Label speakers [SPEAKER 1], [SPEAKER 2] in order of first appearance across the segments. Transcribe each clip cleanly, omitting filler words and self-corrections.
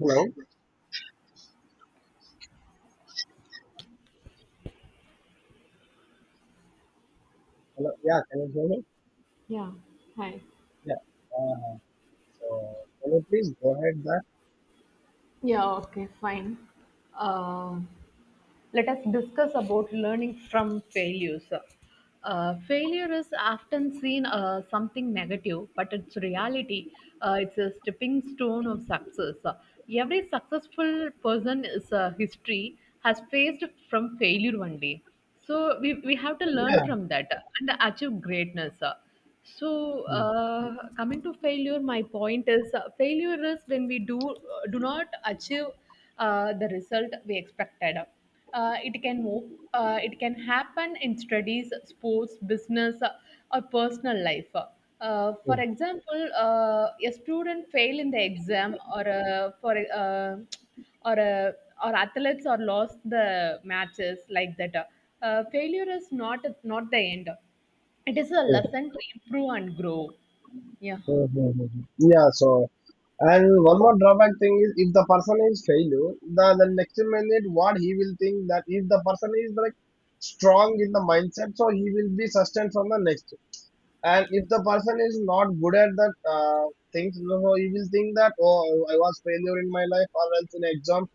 [SPEAKER 1] Hello. Hello. Yeah, can you hear me?
[SPEAKER 2] Yeah, hi.
[SPEAKER 1] Yeah. Uh, so can you please go ahead that?
[SPEAKER 2] Yeah, okay, fine. Uh, Let us discuss about learning from failures. Failure is often seen something negative, but its reality it's a stepping stone of success. Every successful person is a history has faced from failure one day. So we have to
[SPEAKER 1] Yeah.
[SPEAKER 2] learn from that and achieve greatness. So,
[SPEAKER 1] Hmm,
[SPEAKER 2] Coming to failure, my point is failure is when we do not achieve the result we expected. It can move. It can happen in studies, sports, business, or personal life. For
[SPEAKER 1] hmm,
[SPEAKER 2] example, a student fail in the exam, or for or or athletes are lost the matches like that. Failure is not the end. It is a
[SPEAKER 1] hmm,
[SPEAKER 2] lesson to improve and grow. Yeah.
[SPEAKER 1] hmm, hmm, hmm, hmm. Yeah. So and one more drawback thing is if the person is failure, the next minute what he will think that if the person is like strong in the mindset, so he will be sustained from the next. And if the person is not good at that things, so he will think that, oh, I was failure in my life or else in exam,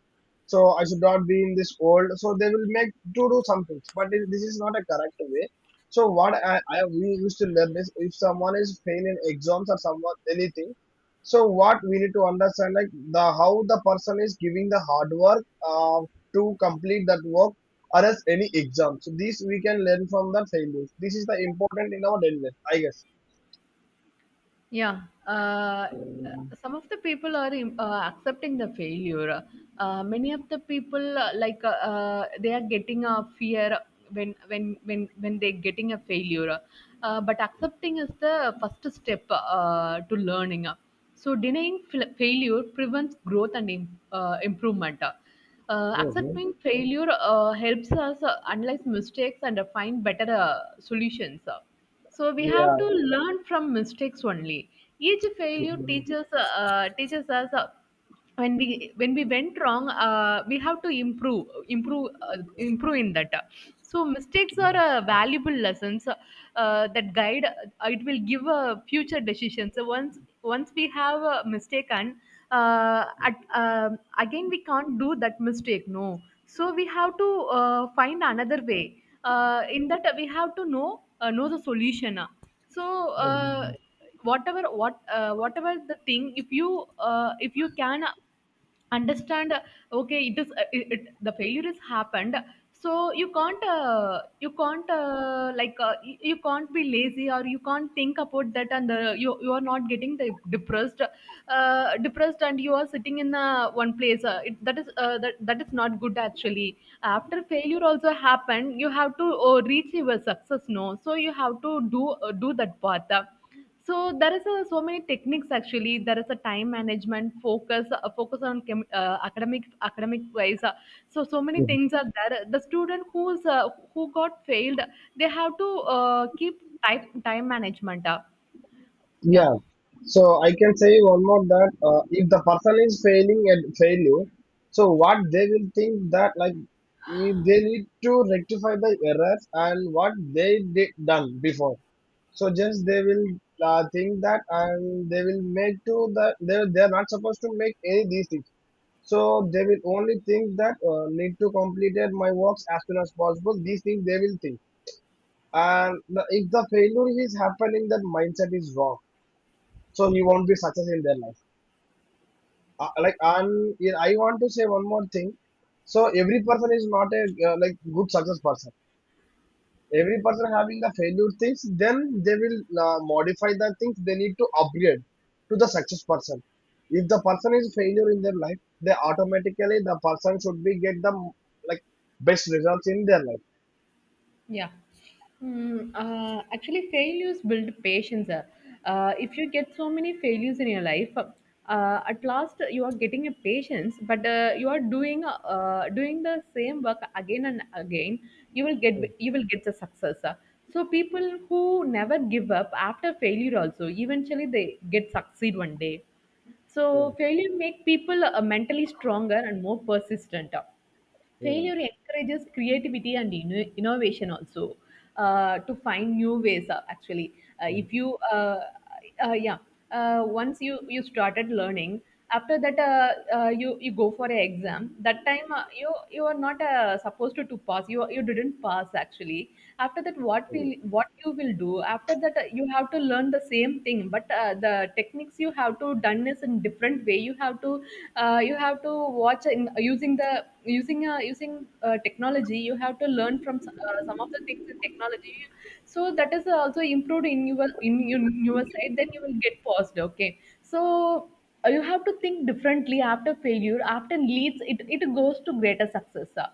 [SPEAKER 1] so I should not be in this world, so they will make to do some things, but this is not a correct way. So what I we used to learn is if someone is failing in exams or someone anything, so what we need to understand, like, the how the person is giving the hard work uh, to complete that work or else any exam. So these we can learn from the failures. This is the important in our daily life, I guess.
[SPEAKER 2] Yeah, uh, some of the people are accepting the failure. Many of the people they are getting a fear when they're getting a failure. But accepting is the first step to learning. So denying failure prevents growth and improvement.
[SPEAKER 1] Hmm.
[SPEAKER 2] Accepting failure helps us analyze mistakes and find better solutions. So we have to
[SPEAKER 1] Yeah.
[SPEAKER 2] learn from mistakes only. Each failure
[SPEAKER 1] Mhm.
[SPEAKER 2] teaches us when we went wrong, we have to improve in that. So mistakes are valuable lessons that guide. It will give future decisions. So once we have a mistake and again we can't do that mistake. No, so we have to find another way in that we have to know the solution so uh, whatever whatever the thing if you can understand okay it is the failure is happened so you can't you can't you can't be lazy or you can't think about that and you are not getting the depressed and you are sitting in one place that is that is not good actually after failure also happened you have to reach your success no so you have to do do that path so there is so many techniques actually there is a time management focus on academic wise so so many
[SPEAKER 1] Mhm.
[SPEAKER 2] things are there the student who got failed they have to keep type time management yeah.
[SPEAKER 1] Yeah. So I can say one more that if the person is failing at failure, so what they will think that, like, if they need to rectify the errors and what they did done before. So just they will think that and they will make to the they are not supposed to make any these things. So they will only think that, need to completed my works as soon as possible. These things they will think, and the, if the failure is happening, that mindset is wrong. So you won't be success in their life. Like I'm, yeah, I want to say one more thing. So every person is not a like good success person, every person having the failure things, then they will modify the things they need to upgrade to the success person. If the person is failure in their life, they automatically the person should be get the, like, best results in their life.
[SPEAKER 2] Yeah. Actually, failures build patience. If you get so many failures in your life, at last you are getting a patience, but you are doing the same work again and again. You will get the success. So people who never give up after failure also eventually they get succeed one day. So
[SPEAKER 1] Mm,
[SPEAKER 2] failure make people mentally stronger and more persistent.
[SPEAKER 1] mm,
[SPEAKER 2] Failure
[SPEAKER 1] mm,
[SPEAKER 2] encourages creativity and innovation also to find new ways actually
[SPEAKER 1] mm,
[SPEAKER 2] if you yeah once you started learning after that you you go for an exam that time you you are not supposed to pass. You didn't pass actually after that what will
[SPEAKER 1] mm.
[SPEAKER 2] what you will do after that you have to learn the same thing but the techniques you have to done is in different way you have to watch in using the using technology. You have to learn from some of the things in technology so that is also improved in your in your side. Then you will get paused, okay. So you have to think differently after failure. After leads it, it goes to greater success.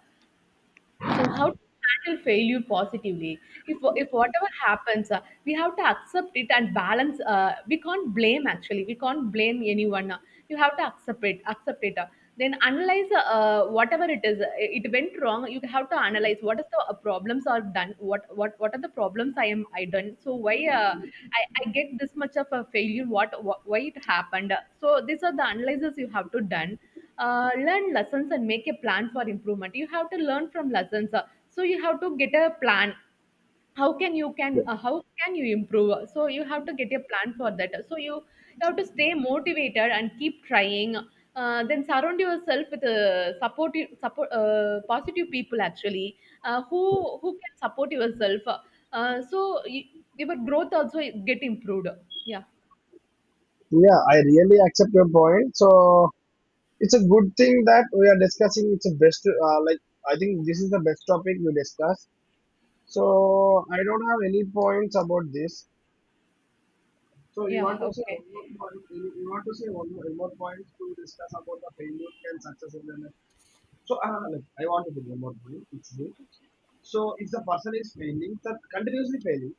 [SPEAKER 2] So how to handle failure positively? If whatever happens, we have to accept it and balance. We can't blame actually. We can't blame anyone. You have to accept it. Accept it. Then analyze whatever it is. It went wrong. You have to analyze what is the problems are done. What are the problems I done. So why I get this much of a failure. What Why it happened. So these are the analyses you have to done learn lessons and make a plan for improvement. You have to learn from lessons. So you have to get a plan. how can you can
[SPEAKER 1] Yeah,
[SPEAKER 2] uh, how can you improve. So you have to get a plan for that, so you have to stay motivated and keep trying, then surround yourself with support positive people actually uh, who who can support yourself your growth also get improved. Yeah.
[SPEAKER 1] yeah, I really accept your point. So it's a good thing that we are discussing. It's a best, like, I think this is the best topic we discuss. So I don't have any points about this. So you
[SPEAKER 2] Yeah,
[SPEAKER 1] want to say
[SPEAKER 2] okay.
[SPEAKER 1] one more point, you want to say one more, more point to discuss about the failure and success in the life. So like, I want to put one more point. It's the, so if the person is failing, that continuously failing.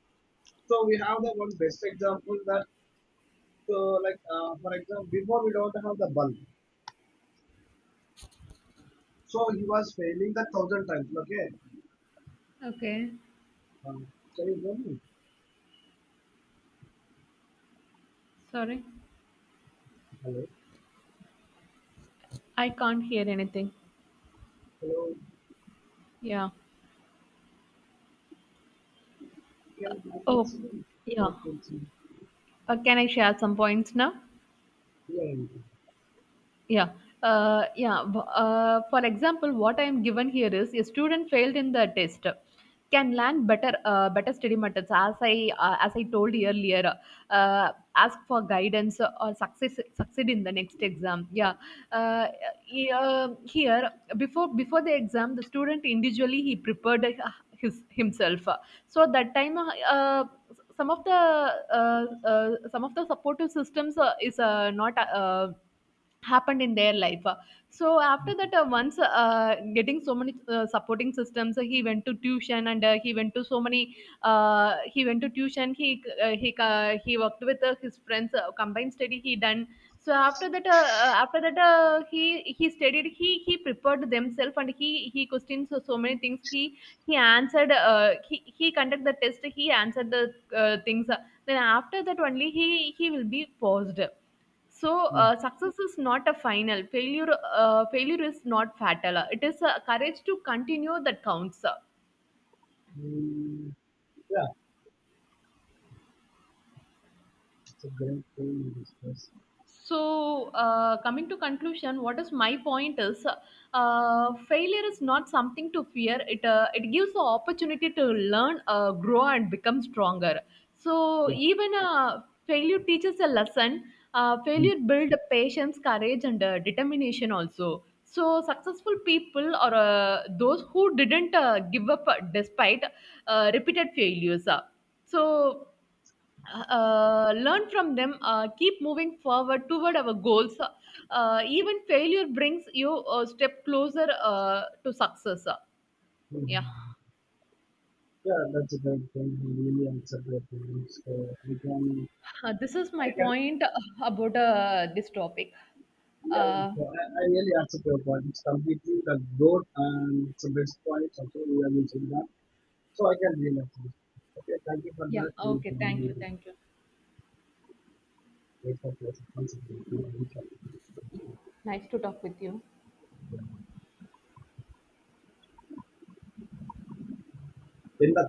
[SPEAKER 1] So we have the one best example that, so, like, for example, before we don't have the bulb, so he was failing that thousand times. Okay,
[SPEAKER 2] Okay,
[SPEAKER 1] can you hear me?
[SPEAKER 2] sorry.
[SPEAKER 1] Hello,
[SPEAKER 2] I can't hear anything.
[SPEAKER 1] hello.
[SPEAKER 2] Yeah.
[SPEAKER 1] I can, I can
[SPEAKER 2] Oh,
[SPEAKER 1] see you. Not
[SPEAKER 2] yeah.
[SPEAKER 1] can see.
[SPEAKER 2] Can I share some points now?
[SPEAKER 1] Yeah, yeah,
[SPEAKER 2] Yeah. For example, what I am given here is a student failed in the test can learn better study methods as I as I told earlier. Ask for guidance or success succeed in the next exam, yeah. uh, Here before the exam the student individually he prepared his himself. So that time some of the uh, some of the supportive systems is not happened in their life. So after that once getting so many supporting systems he went to tuition and he went to tuition. He worked with his friends, combined study he done. So after that he studied, he prepared themselves and he questioned so, so many things. He answered, he conduct the test, he answered the things. Then after that only he will be paused. So
[SPEAKER 1] yeah.
[SPEAKER 2] success is not a final. Failure is not fatal. It is courage to continue that counts.
[SPEAKER 1] Mm, yeah. It's a great thing to discuss.
[SPEAKER 2] So coming to conclusion, what is my point is failure is not something to fear it. It gives the opportunity to learn, grow and become stronger. So
[SPEAKER 1] Yeah.
[SPEAKER 2] even failure teaches a lesson. Failure builds patience, courage and determination also. So successful people or those who didn't give up despite repeated failures. So Learn from them, keep moving forward toward our goals. Even failure brings you a step closer to success. Yeah.
[SPEAKER 1] Mhm. Yeah, that's a great thing. I really accept your points. So we can,
[SPEAKER 2] This is
[SPEAKER 1] I
[SPEAKER 2] my
[SPEAKER 1] can,
[SPEAKER 2] point about this topic.
[SPEAKER 1] yeah, yeah.
[SPEAKER 2] uh,
[SPEAKER 1] So I really accept your points completely. The growth and some best points also we are using that. So I can really accept. Okay, thank you for
[SPEAKER 2] yeah,
[SPEAKER 1] that. We
[SPEAKER 2] okay,
[SPEAKER 1] can really
[SPEAKER 2] thank you.
[SPEAKER 1] wait for your responsibility.
[SPEAKER 2] Nice to talk with you.
[SPEAKER 1] End up.